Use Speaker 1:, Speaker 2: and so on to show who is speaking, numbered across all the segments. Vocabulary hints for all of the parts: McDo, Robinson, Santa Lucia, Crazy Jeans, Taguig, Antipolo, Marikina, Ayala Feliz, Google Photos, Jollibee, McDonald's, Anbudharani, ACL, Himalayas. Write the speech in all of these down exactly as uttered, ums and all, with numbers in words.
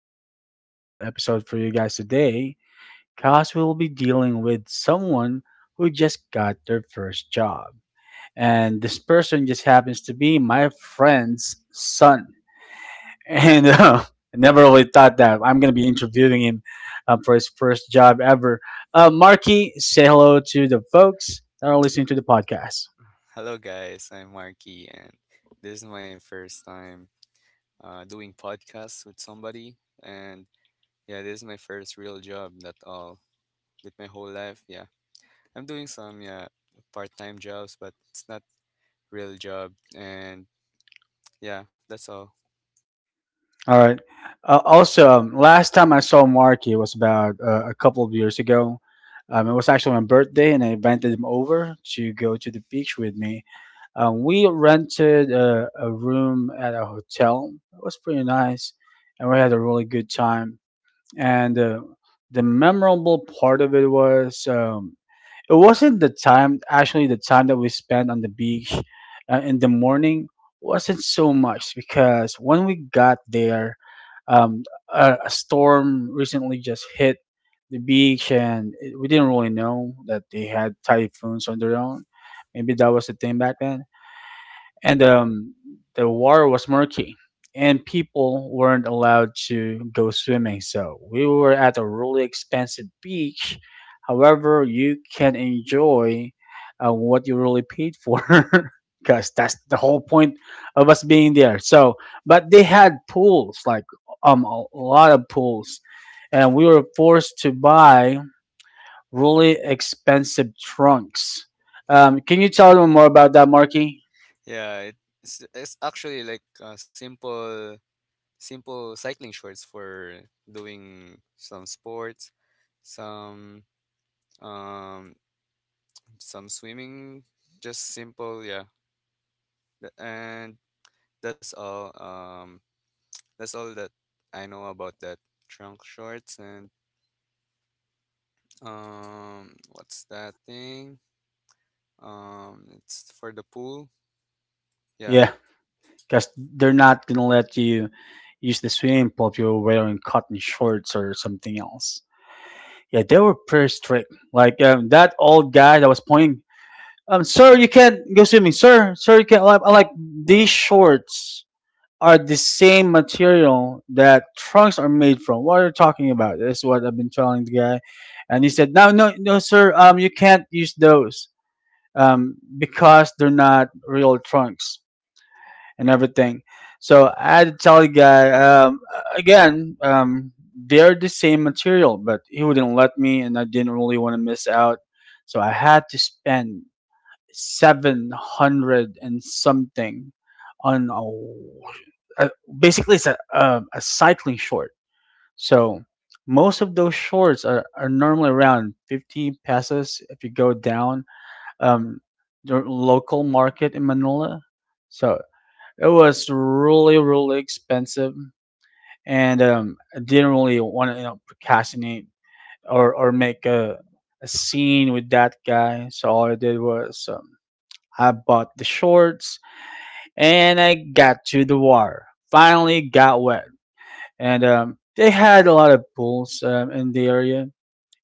Speaker 1: a special episode for you guys today, cause we'll be dealing with someone who just got their first job, and this person just happens to be my friend's son, and uh, I never really thought that I'm gonna be interviewing him uh, for his first job ever. Uh, Marky, say hello to the folks that are listening to the podcast.
Speaker 2: Hello guys, I'm Marky, and this is my first time uh, doing podcasts with somebody, and yeah, this is my first real job that all with my whole life. Yeah. I'm doing some yeah part-time jobs, but it's not real job, and yeah, that's all.
Speaker 1: All right. Uh, also, um, last time I saw Marky was about uh, a couple of years ago. Um, it was actually my birthday, and I invited him over to go to the beach with me. Um, we rented a, a room at a hotel. It was pretty nice, and we had a really good time and uh, the memorable part of it was um, it wasn't the time, actually the time that we spent on the beach uh, in the morning wasn't so much, because when we got there um, a, a storm recently just hit the beach, and it, we didn't really know that they had typhoons on their own. Maybe that was the thing back then. And um, the water was murky, and people weren't allowed to go swimming, so we were at a really expensive beach, however you can enjoy uh, what you really paid for, because that's the whole point of us being there. So but they had pools, like um a lot of pools, and we were forced to buy really expensive trunks. Um, can you tell them more about that, Marky?
Speaker 2: Yeah, it's it's actually like uh, simple simple cycling shorts for doing some sports, some um some swimming, just simple, yeah. Th- and that's all. Um, that's all that I know about that trunk shorts. And um, what's that thing? Um, it's for the pool. Yeah.
Speaker 1: Yeah, because they're not gonna let you use the swimming pool if you're wearing cotton shorts or something else. Yeah, they were pretty strict. Like, um, that old guy that was pointing, um, sir, you can't go swimming, sir, sir, you can't. Like, like these shorts are the same material that trunks are made from. What are you talking about? That's what I've been telling the guy, and he said, no, no, no, sir, um, you can't use those, um, because they're not real trunks and everything. So I had to tell the guy um, again, um, they're the same material, but he wouldn't let me, and I didn't really want to miss out. So I had to spend seven hundred and something on a, a basically it's a, a, a cycling short. So most of those shorts are, are normally around fifty pesos if you go down um, the local market in Manila. So it was really, really expensive, and um, I didn't really want to you know, procrastinate or or make a a scene with that guy. So all I did was um, I bought the shorts and I got to the water. Finally got wet, and um, they had a lot of pools um, in the area,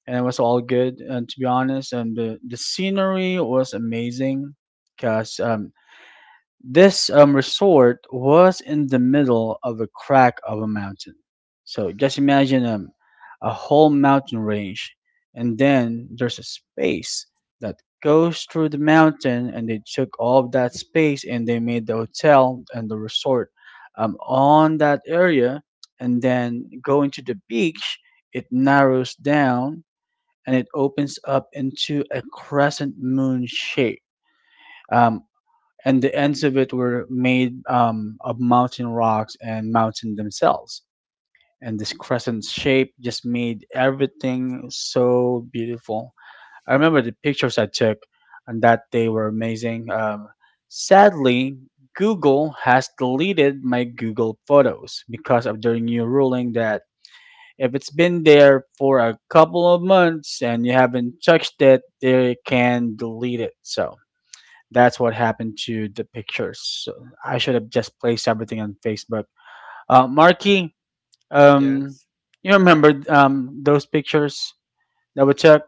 Speaker 1: and it was all good. And to be honest, and the the scenery was amazing because this um, resort was in the middle of a crack of a mountain. So just imagine um, a whole mountain range, and then there's a space that goes through the mountain, and they took all of that space and they made the hotel and the resort um, on that area, and then going to the beach, it narrows down and it opens up into a crescent moon shape. Um, and the ends of it were made um, of mountain rocks and mountain themselves. And this crescent shape just made everything so beautiful. I remember the pictures I took on that day were amazing. Um, sadly, Google has deleted my Google Photos because of their new ruling that if it's been there for a couple of months and you haven't touched it, they can delete it. So that's what happened to the pictures. So I should have just placed everything on Facebook. Uh, Marky, um,
Speaker 2: Yes.
Speaker 1: you remember um, those pictures that we took?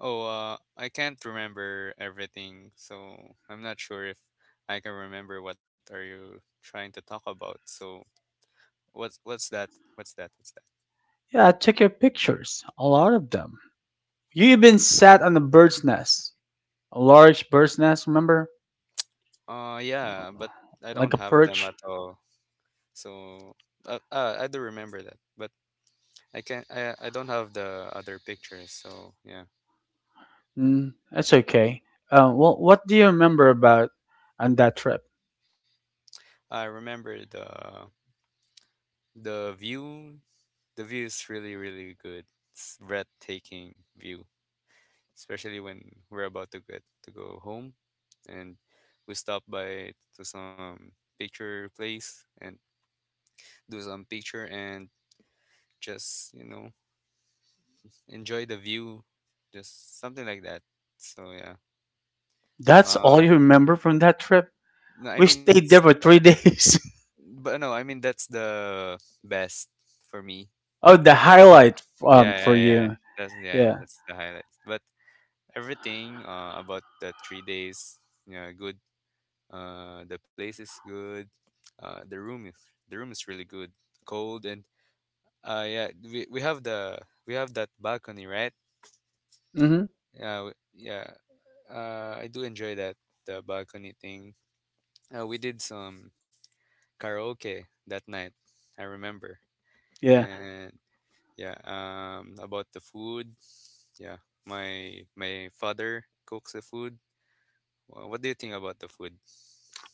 Speaker 2: Oh, uh, I can't remember everything, so I'm not sure if I can remember what are you trying to talk about. So what's what's that? What's that? What's that?
Speaker 1: Yeah, I took your pictures, a lot of them. You even sat on a bird's nest, a large bird's nest, remember?
Speaker 2: Uh, yeah, but I don't
Speaker 1: Like a
Speaker 2: have them at
Speaker 1: perch?
Speaker 2: all. So uh, uh, I do remember that, but I can I I don't have the other pictures, so yeah.
Speaker 1: Mm, that's okay. Uh, well, what do you remember about on that trip?
Speaker 2: I remember the the view. The view is really really good. It's breathtaking view, especially when we're about to get to go home, and we stop by to some picture place and do some picture and just you know enjoy the view, just something like that. So yeah.
Speaker 1: That's all
Speaker 2: Uh,
Speaker 1: you remember from that trip?
Speaker 2: no, I
Speaker 1: We
Speaker 2: mean
Speaker 1: stayed
Speaker 2: that's
Speaker 1: there for three days.
Speaker 2: but no, I mean that's the best for me.
Speaker 1: Oh, the highlight um,
Speaker 2: Yeah,
Speaker 1: for
Speaker 2: yeah, yeah.
Speaker 1: you.
Speaker 2: That's yeah,
Speaker 1: Yeah.
Speaker 2: that's the highlights. But everything uh, about the three days, you know, good. Uh, the place is good. Uh, the room is the room is really good. Cold, and uh, yeah, we, we have the we have that balcony, right?
Speaker 1: Mm-hmm.
Speaker 2: Yeah, w- yeah. Uh, I do enjoy that the balcony thing. Uh, we did some karaoke that night. I remember,
Speaker 1: Yeah.
Speaker 2: and yeah, um, about the food. Yeah, my my father cooks the food. Wha- What do you think about the food?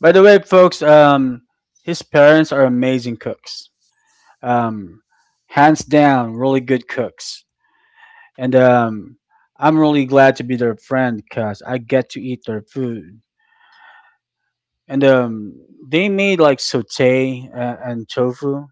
Speaker 1: By the way, folks, um, his parents are amazing cooks. Um, hands down, really good cooks. And um, I'm really glad to be their friend because I get to eat their food. And um, they made like saute uh, and tofu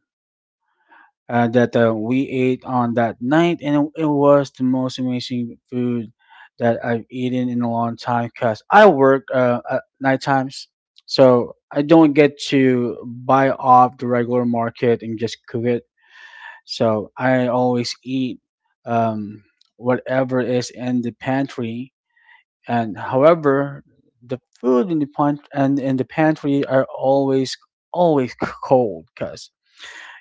Speaker 1: uh, that uh, we ate on that night, and it, was the most amazing food that I've eaten in a long time. Cause I work uh, at night times, so I don't get to buy off the regular market and just cook it. So I always eat um, whatever is in the pantry, and however. The food in the pant and in the pantry are always always cold, because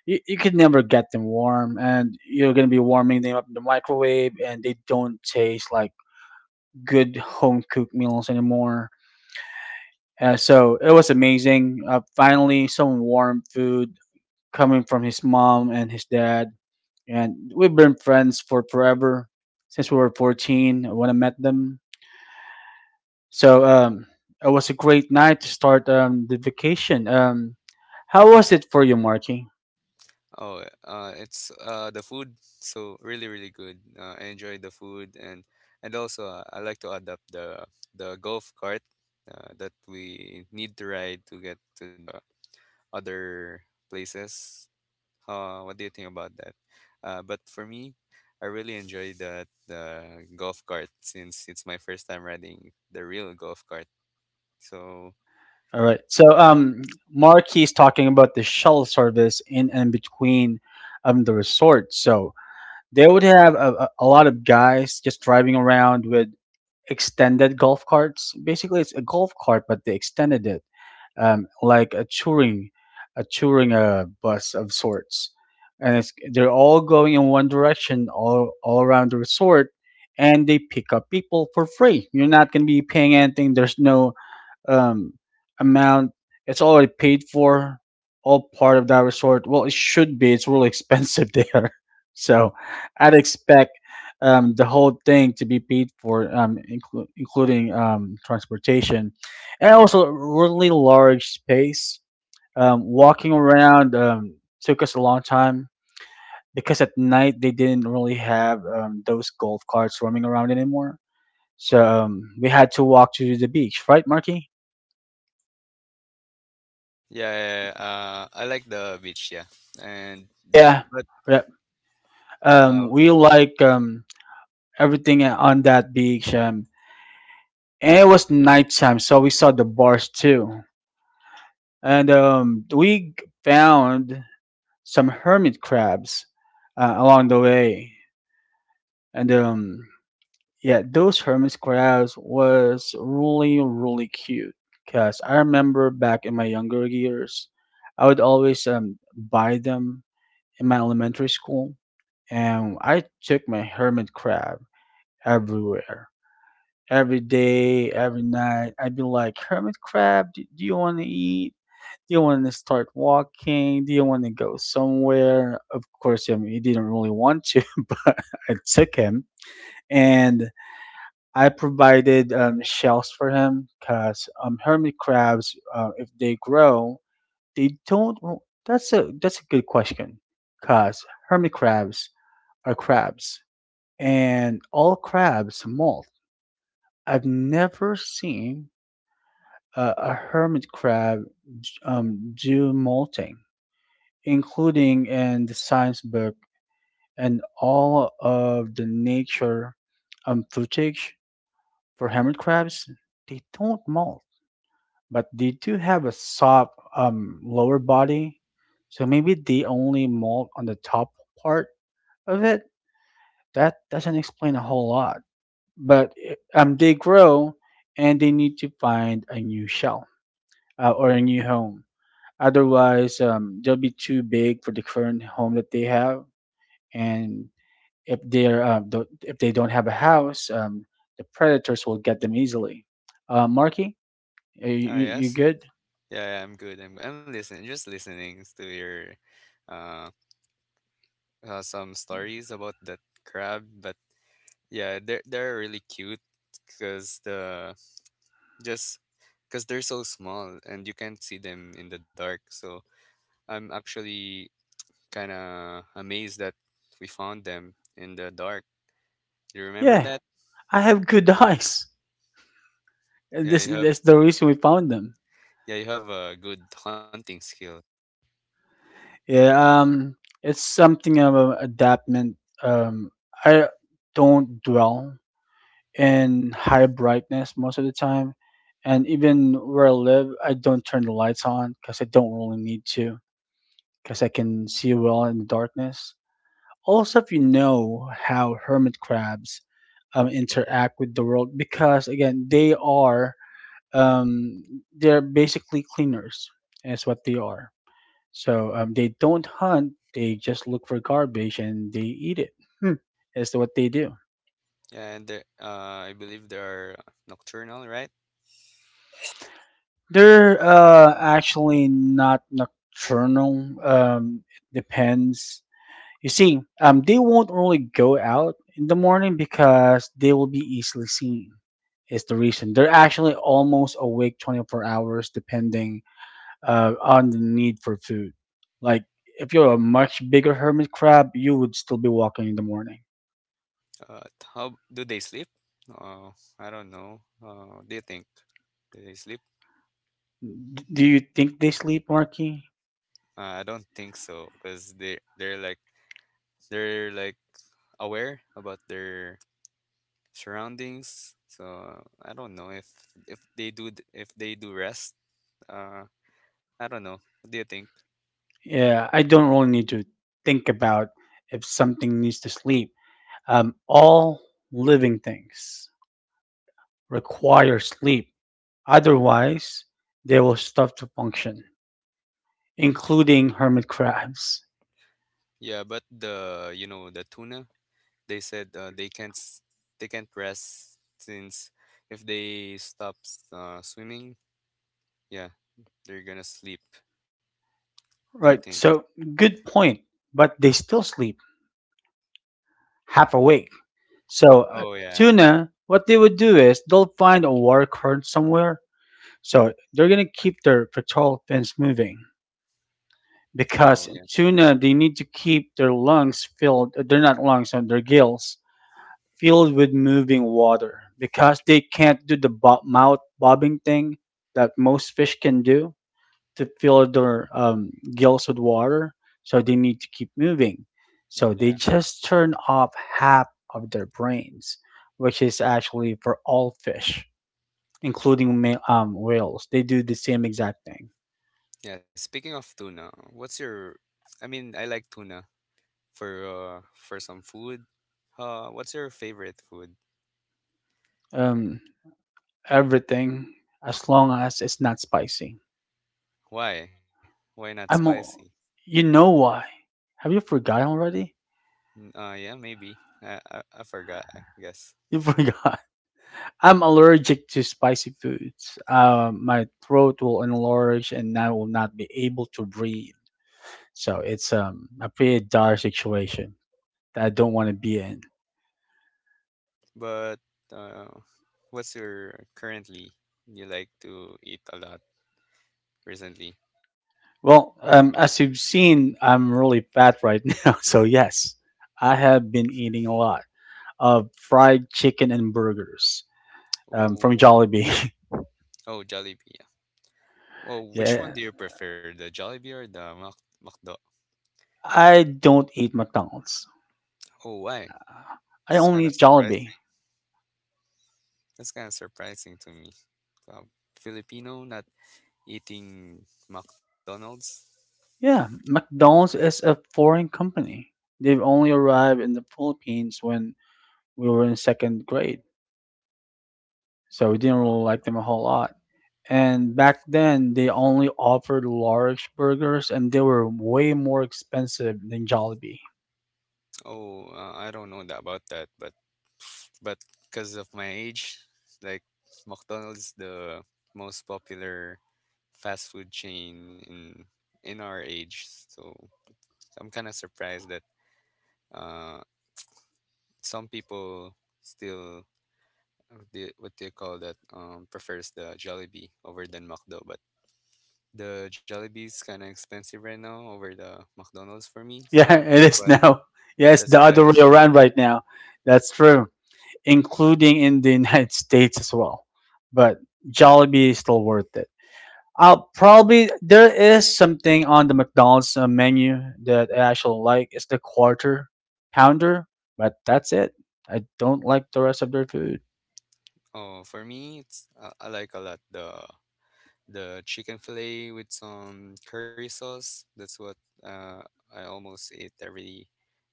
Speaker 1: you, you can never get them warm and you're going to be warming them up in the microwave and they don't taste like good home cooked meals anymore. Uh, so it was amazing, uh, finally some warm food coming from his mom and his dad, and we've been friends for forever since we were fourteen when I met them. So um, it was a great night to start um, the vacation. um, How was it for you, Marky?
Speaker 2: Oh, uh, it's uh the food. So really, really good. Uh, I enjoy the food, and and also uh, I like to adopt the the golf cart uh, that we need to ride to get to the other places. Uh, what do you think about that? Uh, but for me, I really enjoy the the golf cart since it's my first time riding the real golf cart. So
Speaker 1: All right. So um, Marky is talking about the shuttle service in and between um, the resort. So they would have a, a a lot of guys just driving around with extended golf carts. Basically, it's a golf cart, but they extended it um, like a touring, a touring uh, bus of sorts, and it's, they're all going in one direction, all all around the resort, and they pick up people for free. You're not going to be paying anything. There's no um, amount. It's already paid for, all part of that resort. Well, it should be. It's really expensive there, so I'd expect um, the whole thing to be paid for, um, inclu- including um, transportation, and also a really large space. Um, walking around um, took us a long time because at night they didn't really have um, those golf carts roaming around anymore. So um, we had to walk to the beach, right, Marky?
Speaker 2: yeah, uh, I like the beach. Yeah, and
Speaker 1: Yeah,
Speaker 2: but
Speaker 1: yeah. Um,
Speaker 2: uh,
Speaker 1: we like um everything on that beach. Um, and it was nighttime, so we saw the bars too, and um, we g- found some hermit crabs uh, along the way, and um, yeah, those hermit crabs was really really cute. Cause I remember back in my younger years, I would always um buy them in my elementary school, and I took my hermit crab everywhere, every day, every night. I'd be like, hermit crab, do, do you want to eat? Do you want to start walking? Do you want to go somewhere? Of course, I mean, he didn't really want to, but I took him and I provided um, shells for him because um, hermit crabs, uh, if they grow, they don't. That's a that's a good question because hermit crabs are crabs, and all crabs molt. I've never seen a, a hermit crab um, do molting, including in the science book and all of the nature um, footage for hermit crabs. They don't molt, but they do have a soft um, lower body, so maybe they only molt on the top part of it. That doesn't explain a whole lot, but eh, um, they grow and they need to find a new shell uh, or a new home. Otherwise, um, they'll be too big for the current home that they have. And if they're uh, don't, if they don't have a house, um, the predators will get them easily. Uh, Marky, are you,
Speaker 2: oh
Speaker 1: you you
Speaker 2: yes,
Speaker 1: good?
Speaker 2: yeah, yeah, I'm good. I'm I'm listening, just listening to your uh, uh some stories about that crab. But yeah, they're they're really cute because the just because they're so small and you can't see them in the dark. So I'm actually kind of amazed that we found them in the dark. You remember
Speaker 1: Yeah,
Speaker 2: that?
Speaker 1: I have good eyes. And
Speaker 2: Yeah,
Speaker 1: This
Speaker 2: you have
Speaker 1: that's the reason we found them.
Speaker 2: yeah, you have a good hunting skill.
Speaker 1: Yeah, um, it's something of an adaptment. Um, I don't dwell and high brightness most of the time. And even where I live, I don't turn the lights on because I don't really need to, because I can see well in the darkness. Also, if you know how hermit crabs um, interact with the world, because again, they are um, they're basically cleaners. That's what they are. So um, they don't hunt; they just look for garbage and they eat it. Hmm. That's what they do.
Speaker 2: Yeah, and there, uh, I believe they are nocturnal, right?
Speaker 1: They're uh, actually not nocturnal. Um, it depends. You see, um, they won't really go out in the morning because they will be easily seen. Is the reason they're actually almost awake twenty-four hours, depending uh, on the need for food. Like, if you're a much bigger hermit crab, you would still be walking in the morning.
Speaker 2: Uh, how do they sleep? Uh, I don't know. Uh, what do you think? Do they sleep?
Speaker 1: D- do you think they sleep, Marky?
Speaker 2: Uh, I don't think so, because they they're like they're like aware about their surroundings. So I don't know if if they do th- if they do rest. Uh, I don't know. What do you think?
Speaker 1: Yeah, I don't really need to think about if something needs to sleep. Um, all living things require sleep. Otherwise, they will stop to function, including hermit crabs.
Speaker 2: Yeah, but the you know the tuna, they said uh, they can't s- they can't rest since if they stop s- uh, swimming, yeah, they're gonna sleep. Do you
Speaker 1: Right,
Speaker 2: think?
Speaker 1: so good point, but they still sleep half awake. So, uh,
Speaker 2: Oh yeah.
Speaker 1: tuna, what they would do is they'll find a water current somewhere. So, they're going to keep their pectoral fins moving,
Speaker 2: Oh
Speaker 1: because
Speaker 2: yeah.
Speaker 1: tuna they need to keep their lungs filled, uh, they're not lungs on their gills, filled with moving water because they can't do the bo- mouth bobbing thing that most fish can do to fill their um, gills with water, so they need to keep moving, so
Speaker 2: Mm,
Speaker 1: they
Speaker 2: yeah.
Speaker 1: just turn off half of their brains, which is actually for all fish, including ma- um, whales, they do the same exact thing.
Speaker 2: Yeah. Speaking of tuna, what's your? I mean, I like tuna for uh for some food. Uh, what's your favorite food?
Speaker 1: um, Everything, as long as it's not spicy.
Speaker 2: Why? Why not
Speaker 1: I'm,
Speaker 2: spicy?
Speaker 1: al- you know why? Have you forgotten already?
Speaker 2: N- Uh, yeah, maybe. I I, I forgot. I guess.
Speaker 1: You forgot. I'm allergic to spicy foods. Uh, my throat will enlarge, and I will not be able to breathe. So it's um, a pretty dire situation that I don't want to be in.
Speaker 2: But uh, what's your currently you like to eat a lot recently?
Speaker 1: Well, um, as you've seen, I'm really fat right now. So, yes, I have been eating a lot of fried chicken and burgers um, from
Speaker 2: Oh,
Speaker 1: Jollibee.
Speaker 2: oh, Jollibee. Yeah. Oh, which one
Speaker 1: Yeah,
Speaker 2: do you prefer, the Jollibee or the Mac McDo?
Speaker 1: I don't eat McDonald's.
Speaker 2: Oh, why?
Speaker 1: I
Speaker 2: It's kind
Speaker 1: only
Speaker 2: of
Speaker 1: eat Jollibee.
Speaker 2: surprising. That's kind of surprising to me. Um, Filipino not eating McDonald's.
Speaker 1: Yeah, McDonald's is a foreign company. They've only arrived in the Philippines when we were in second grade. So, we didn't really like them a whole lot. And back then they only offered large burgers and they were way more expensive than Jollibee.
Speaker 2: Oh, uh, I don't know that about that, but but because of my age, like McDonald's the most popular fast food chain in in our age. So I'm kind of surprised that uh, some people still uh, the- what they call that um, prefers the Jollibee over than McDo. But the Jollibee is kind of expensive right now over the McDonald's for me.
Speaker 1: Yeah,
Speaker 2: So
Speaker 1: it
Speaker 2: that's
Speaker 1: is
Speaker 2: why
Speaker 1: now. Yes,
Speaker 2: that's
Speaker 1: the other
Speaker 2: why
Speaker 1: way around right now. That's true, including in the United States as well. But Jollibee is still worth it. I'll probably, there is something on the McDonald's uh, menu that I actually like. It's the quarter pounder, but that's it. I don't like the rest of their food.
Speaker 2: oh for me it's uh, I like a lot the the chicken fillet with some curry sauce. That's what uh, I almost eat every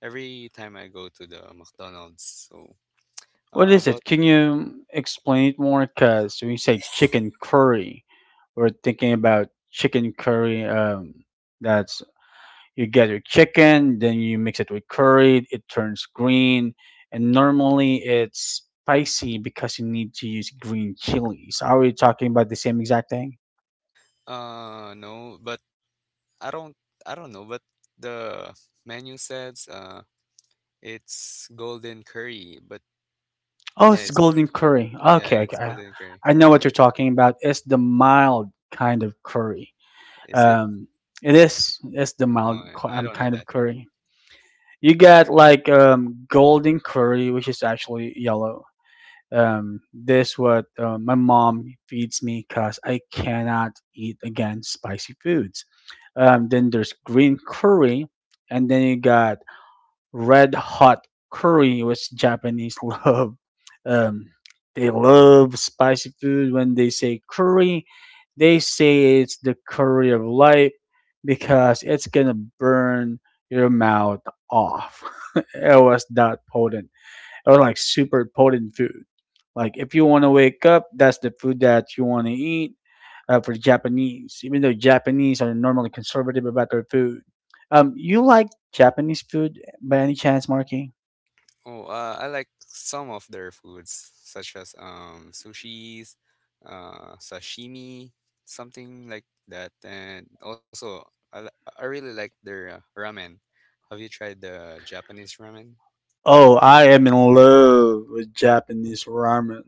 Speaker 2: every time I go to the McDonald's. So
Speaker 1: What
Speaker 2: uh,
Speaker 1: is
Speaker 2: about
Speaker 1: it? Can you explain it more? Because when you say chicken curry, we're thinking about chicken curry, um, that's, you get your chicken, then you mix it with curry, it turns green, and normally it's spicy because you need to use green chilies. Are we talking about the same exact thing?
Speaker 2: uh no, but I don't I don't know, but the menu says uh it's golden curry, but
Speaker 1: Oh,
Speaker 2: yeah,
Speaker 1: it's
Speaker 2: it's
Speaker 1: golden curry.
Speaker 2: yeah,
Speaker 1: Okay, okay.
Speaker 2: it's
Speaker 1: I,
Speaker 2: golden curry.
Speaker 1: I know what you're talking about. It's the mild kind of curry.
Speaker 2: Is it?
Speaker 1: Um, it is. It's
Speaker 2: Oh,
Speaker 1: the
Speaker 2: I
Speaker 1: mild
Speaker 2: I
Speaker 1: ki-
Speaker 2: don't know
Speaker 1: um,
Speaker 2: that.
Speaker 1: kind of curry. You get like um, golden curry, which is actually yellow, um, this what uh, my mom feeds me because I cannot eat again spicy foods. Um, then there's green curry, and then you got red hot curry, which Japanese love. Um, they love spicy food. When they say curry, they say it's the curry of life because it's gonna burn your mouth off. It was that potent, or like super potent food. Like if you want to wake up, that's the food that you want to eat. Uh, for Japanese, even though Japanese are normally conservative about their food, um, you like Japanese food by any chance, Marky?
Speaker 2: Oh, uh, I like some of their foods, such as um sushis, uh, sashimi, something like that, and also I, li- I really like their uh, ramen. Have you tried the Japanese ramen?
Speaker 1: Oh, I am in love with Japanese ramen.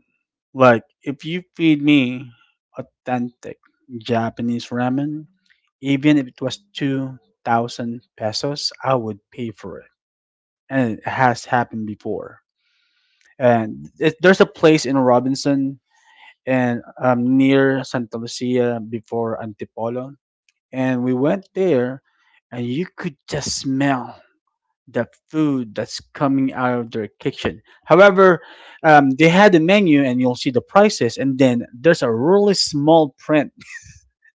Speaker 1: Like, if you feed me authentic Japanese ramen, even if it was two thousand pesos, I would pay for it. And it has happened before. And it, there's a place in Robinson and um, near Santa Lucia before Antipolo, and we went there, and you could just smell the food that's coming out of their kitchen. However, um, they had a menu, and you'll see the prices, and then there's a really small print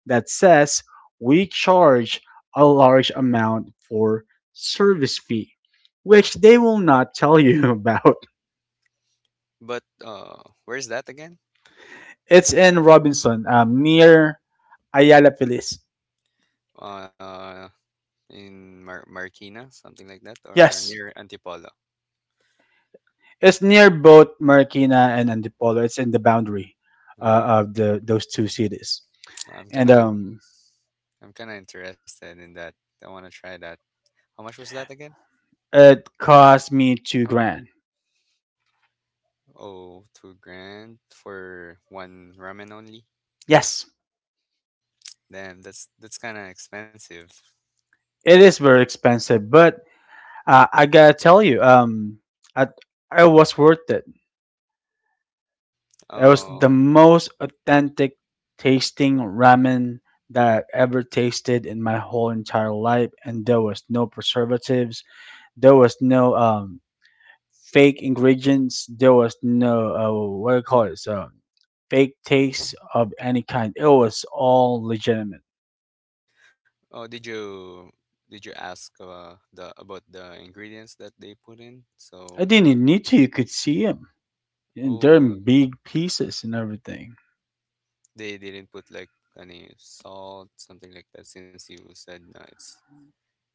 Speaker 1: that says we charge a large amount for service fee, which they will not tell you about.
Speaker 2: But uh, where's that again?
Speaker 1: It's in Robinson, um, near Ayala Feliz.
Speaker 2: Uh, in Mar- Marikina, something like that, or
Speaker 1: Yes,
Speaker 2: near Antipolo.
Speaker 1: it's near both Marikina and Antipolo. It's in the boundary uh,
Speaker 2: Oh,
Speaker 1: of the those two cities,
Speaker 2: I'm
Speaker 1: and
Speaker 2: kinda
Speaker 1: um,
Speaker 2: I'm kinda interested in that. I wanna try that. How much was that again?
Speaker 1: it cost me two grand.
Speaker 2: Oh, two grand for one ramen only?
Speaker 1: Yes,
Speaker 2: Damn, that's that's kind of expensive.
Speaker 1: it is very expensive, but uh, I gotta tell you, um, I, it was worth it. It was the
Speaker 2: Oh,
Speaker 1: most authentic tasting ramen that I've ever tasted in my whole entire life, and there was no preservatives. There was no um, fake ingredients. There was no uh, what do you call it? So, fake taste of any kind. It was all legitimate.
Speaker 2: oh, did you did you ask uh, the about the ingredients that they put in?
Speaker 1: I
Speaker 2: So,
Speaker 1: didn't need to. You could see them. And they're
Speaker 2: oh,
Speaker 1: in big pieces and everything.
Speaker 2: they didn't put like any salt, something like that, since you said no, it's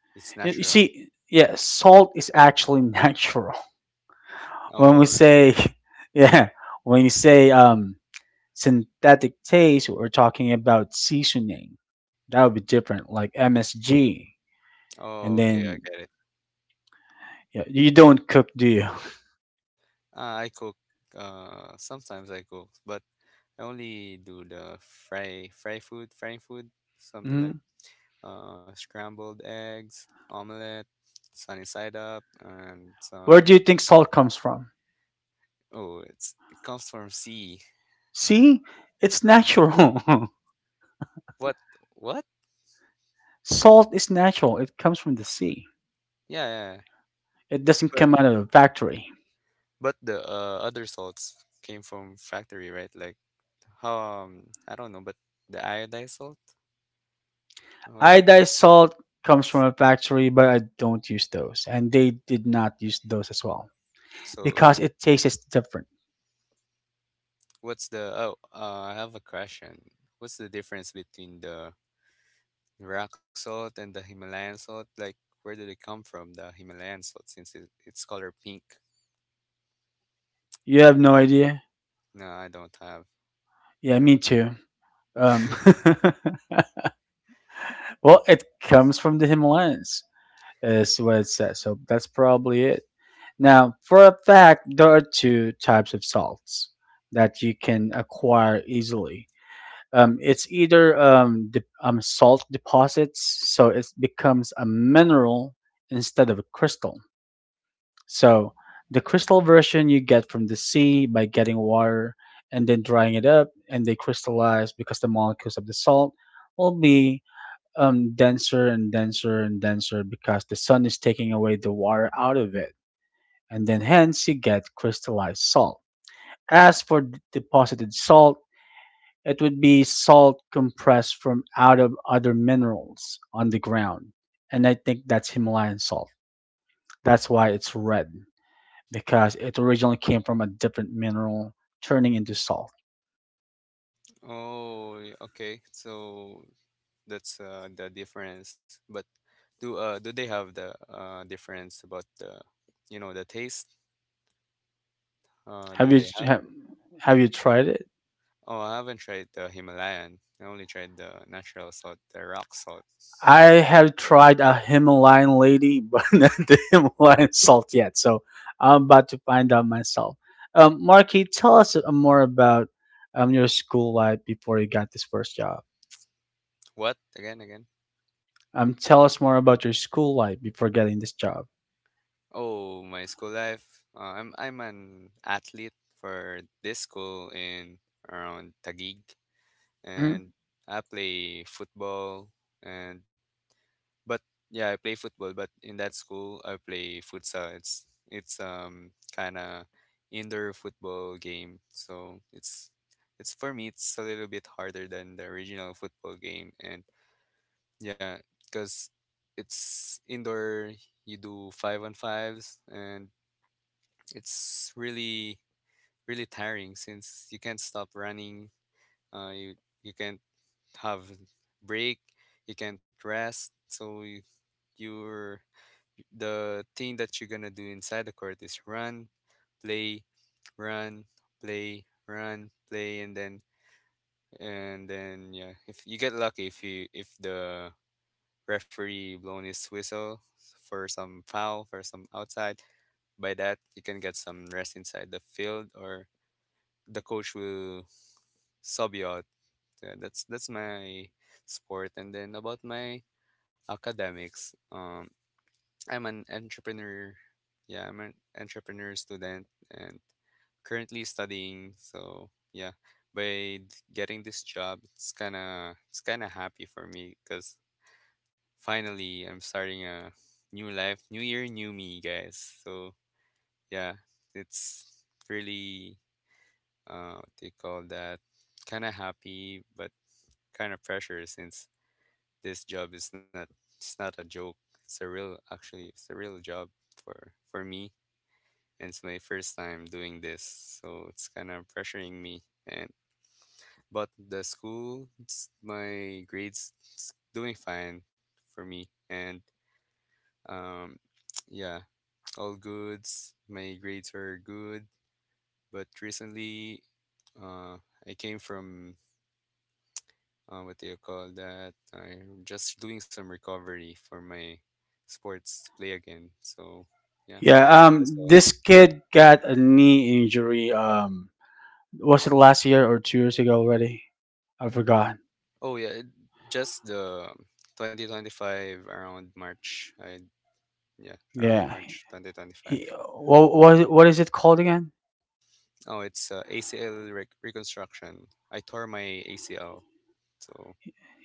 Speaker 2: it's
Speaker 1: Y- You
Speaker 2: natural.
Speaker 1: see, yeah, salt is actually natural. When
Speaker 2: Oh,
Speaker 1: we
Speaker 2: okay.
Speaker 1: say, yeah, when you say um, synthetic taste, we're talking about seasoning. That would be different, like M S G.
Speaker 2: Oh,
Speaker 1: And
Speaker 2: okay, I
Speaker 1: then
Speaker 2: get it.
Speaker 1: yeah, you don't cook, do
Speaker 2: Uh, I cook. Uh, sometimes I cook, but I only do the fry fry food, frying food, something like
Speaker 1: you?
Speaker 2: uh, scrambled eggs, omelette, sunny side up, and
Speaker 1: Where
Speaker 2: some.
Speaker 1: do you think salt comes from?
Speaker 2: Oh, it's it comes from sea.
Speaker 1: See, it's natural.
Speaker 2: What? What?
Speaker 1: Salt is natural. It comes from the sea.
Speaker 2: Yeah, yeah, yeah.
Speaker 1: It doesn't
Speaker 2: But
Speaker 1: come out of a factory.
Speaker 2: but the uh, other salts came from factory, right? Like how um I don't know, but the iodized salt. Uh, What?
Speaker 1: Iodized salt comes from a factory, but I don't use those, and they did not use those as well
Speaker 2: So
Speaker 1: because it tastes different.
Speaker 2: what's the? Oh, uh, I have a question. What's the difference between the rock salt and the Himalayan salt? Like, where do they come from? The Himalayan salt, since it, it's color pink.
Speaker 1: You have no idea.
Speaker 2: No, I don't have.
Speaker 1: Yeah, me too. Um, well, it comes from the Himalayas, is what it says. So that's probably it. Now, for a fact, there are two types of salts that you can acquire easily. Um, it's either um, de- um, salt deposits, so it becomes a mineral instead of a crystal. So the crystal version you get from the sea by getting water and then drying it up, and they crystallize because the molecules of the salt will be um, denser and denser and denser because the sun is taking away the water out of it, and then hence you get crystallized salt. As for d- deposited salt, it would be salt compressed from out of other minerals on the ground, and I think that's Himalayan salt. That's why it's red because it originally came from a different mineral turning into salt.
Speaker 2: Oh, y- okay. So that's uh, the difference. But do uh do they have the uh difference about the you know the taste? Uh,
Speaker 1: Have you
Speaker 2: do they
Speaker 1: have,
Speaker 2: have?
Speaker 1: have you tried it?
Speaker 2: Oh, I haven't tried the Himalayan. I only tried the natural salt, the rock salt.
Speaker 1: I have tried a Himalayan lady, but not the Himalayan salt yet. So I'm about to find out myself. Um, Marky, tell us uh, more about um, your school life before you got this first job.
Speaker 2: What? Again, again.
Speaker 1: Um, tell us more about your school life before getting this job.
Speaker 2: Oh, my school life. Uh, I'm I'm an athlete for this school in around Taguig,
Speaker 1: Hmm.
Speaker 2: and I play football. And but yeah, I play football. But in that school, I play futsal. It's it's um kind of indoor football game. So it's it's for me. It's a little bit harder than the original football game. And yeah, because it's indoor. You do five on fives, and it's really really tiring since you can't stop running uh, you you can't have break you can't rest so you you're the thing that you're gonna do inside the court is run play run play run play, and then and then yeah if you get lucky if you if the referee blown his whistle for some foul for some outside by that you can get some rest inside the field or the coach will sub you out. Yeah, that's that's my sport. And then about my academics, um, I'm an entrepreneur. Yeah, I'm an entrepreneur student and currently studying. So yeah, by d- getting this job, it's kind of it's kind of happy for me because finally I'm starting a new life, new year, new me, guys. So yeah, it's really uh, what do you call that? Kind of happy, but kind of pressure since this job is not it's not a joke. It's a real actually it's a real job for for me, and it's my first time doing this. So it's kind of pressuring me, and but the school it's- my grades it's doing fine for me, and um yeah, all goods. My grades are good, but recently uh I came from uh, what do you call that? I'm just doing some recovery for my sports to play again. So yeah, that's
Speaker 1: Yeah.
Speaker 2: that's
Speaker 1: Um,
Speaker 2: all.
Speaker 1: this kid got a knee injury. Um, was it last year or two years ago already? I forgot.
Speaker 2: Oh yeah, it- just the twenty twenty-five around March. I yeah, around
Speaker 1: Yeah.
Speaker 2: March two thousand twenty-five.
Speaker 1: He, what, what, what is it called again?
Speaker 2: Oh, it's uh, A C L rec- reconstruction. I tore my A C L, so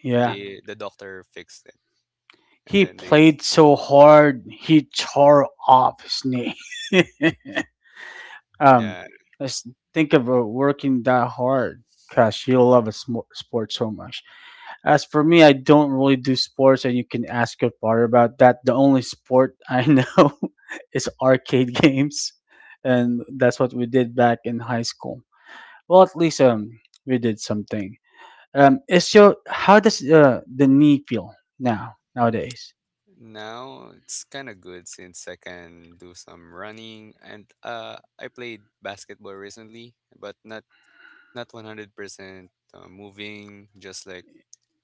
Speaker 1: Yeah.
Speaker 2: the the doctor fixed it, and
Speaker 1: He
Speaker 2: then they s-
Speaker 1: played so hard, he tore off his knee. Um,
Speaker 2: yeah.
Speaker 1: let's think of uh, working that hard. Gosh, you'll love a sm- sport so much. As for me, I don't really do sports, and you can ask your father about that. The only sport I know is arcade games, and that's what we did back in high school. Well, at least um, we did something. Um, is your, how does uh, the knee feel now nowadays?
Speaker 2: Now it's kind of good since I can do some running, and uh I played basketball recently, but not not one hundred percent uh, moving, just like,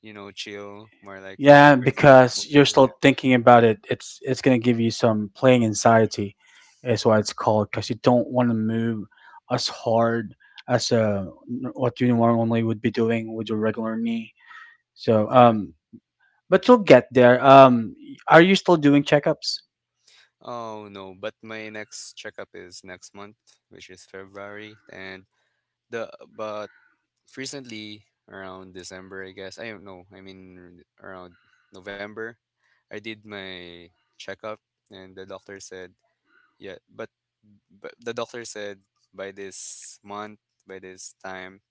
Speaker 2: you know, chill, more like
Speaker 1: Yeah,
Speaker 2: fifty percent
Speaker 1: because
Speaker 2: moving.
Speaker 1: you're
Speaker 2: Yeah.
Speaker 1: still thinking about it. It's it's gonna give you some playing anxiety, is why it's called. Because you don't want to move as hard as uh, n- what you normally would be doing with your regular knee. So,
Speaker 2: Yeah.
Speaker 1: um, but you'll get there. Um, are you still doing checkups?
Speaker 2: Oh no, but my next checkup is next month, which is February, and the but recently around December, I guess. I don't know. I mean around November, I did my checkup, and the doctor said yeah, but but the doctor said by this month, by this time,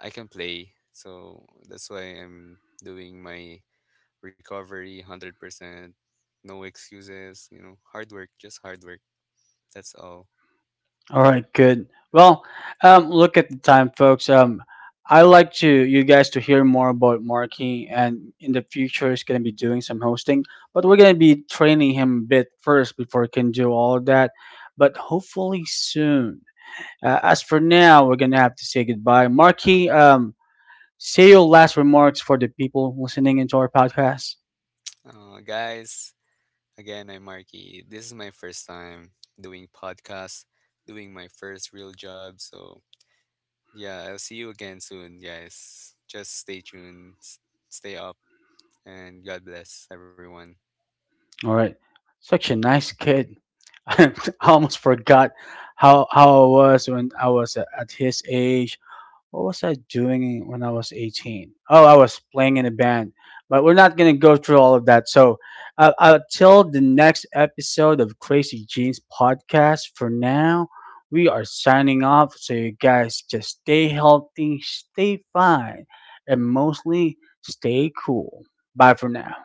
Speaker 2: I can play. So that's why I'm doing my recovery one hundred percent. No excuses, you know, hard work, just hard work. That's all.
Speaker 1: All right, good. Well, um, look at the time, folks. Um, I like to you guys to hear more about Marky, and in the future, he's gonna be doing some hosting. But we're gonna be training him a bit first before he can do all of that. But hopefully soon. Uh, as for now, we're gonna have to say goodbye. Marky, um, say your last remarks for the people listening into our podcast.
Speaker 2: Uh, guys, again, I'm Marky. This is my first time doing podcasts, doing my first real job. So yeah, I'll see you again soon, guys. Just stay tuned, s- stay up, and God bless everyone.
Speaker 1: All right, such a nice kid. I almost forgot how how I was when I was a- at his age. What was I doing when I was eighteen? Oh, I was playing in a band. But we're not going to go through all of that. So, uh, until the next episode of Crazy Jeans podcast, for now, we are signing off. So, you guys just stay healthy, stay fine, and mostly stay cool. Bye for now.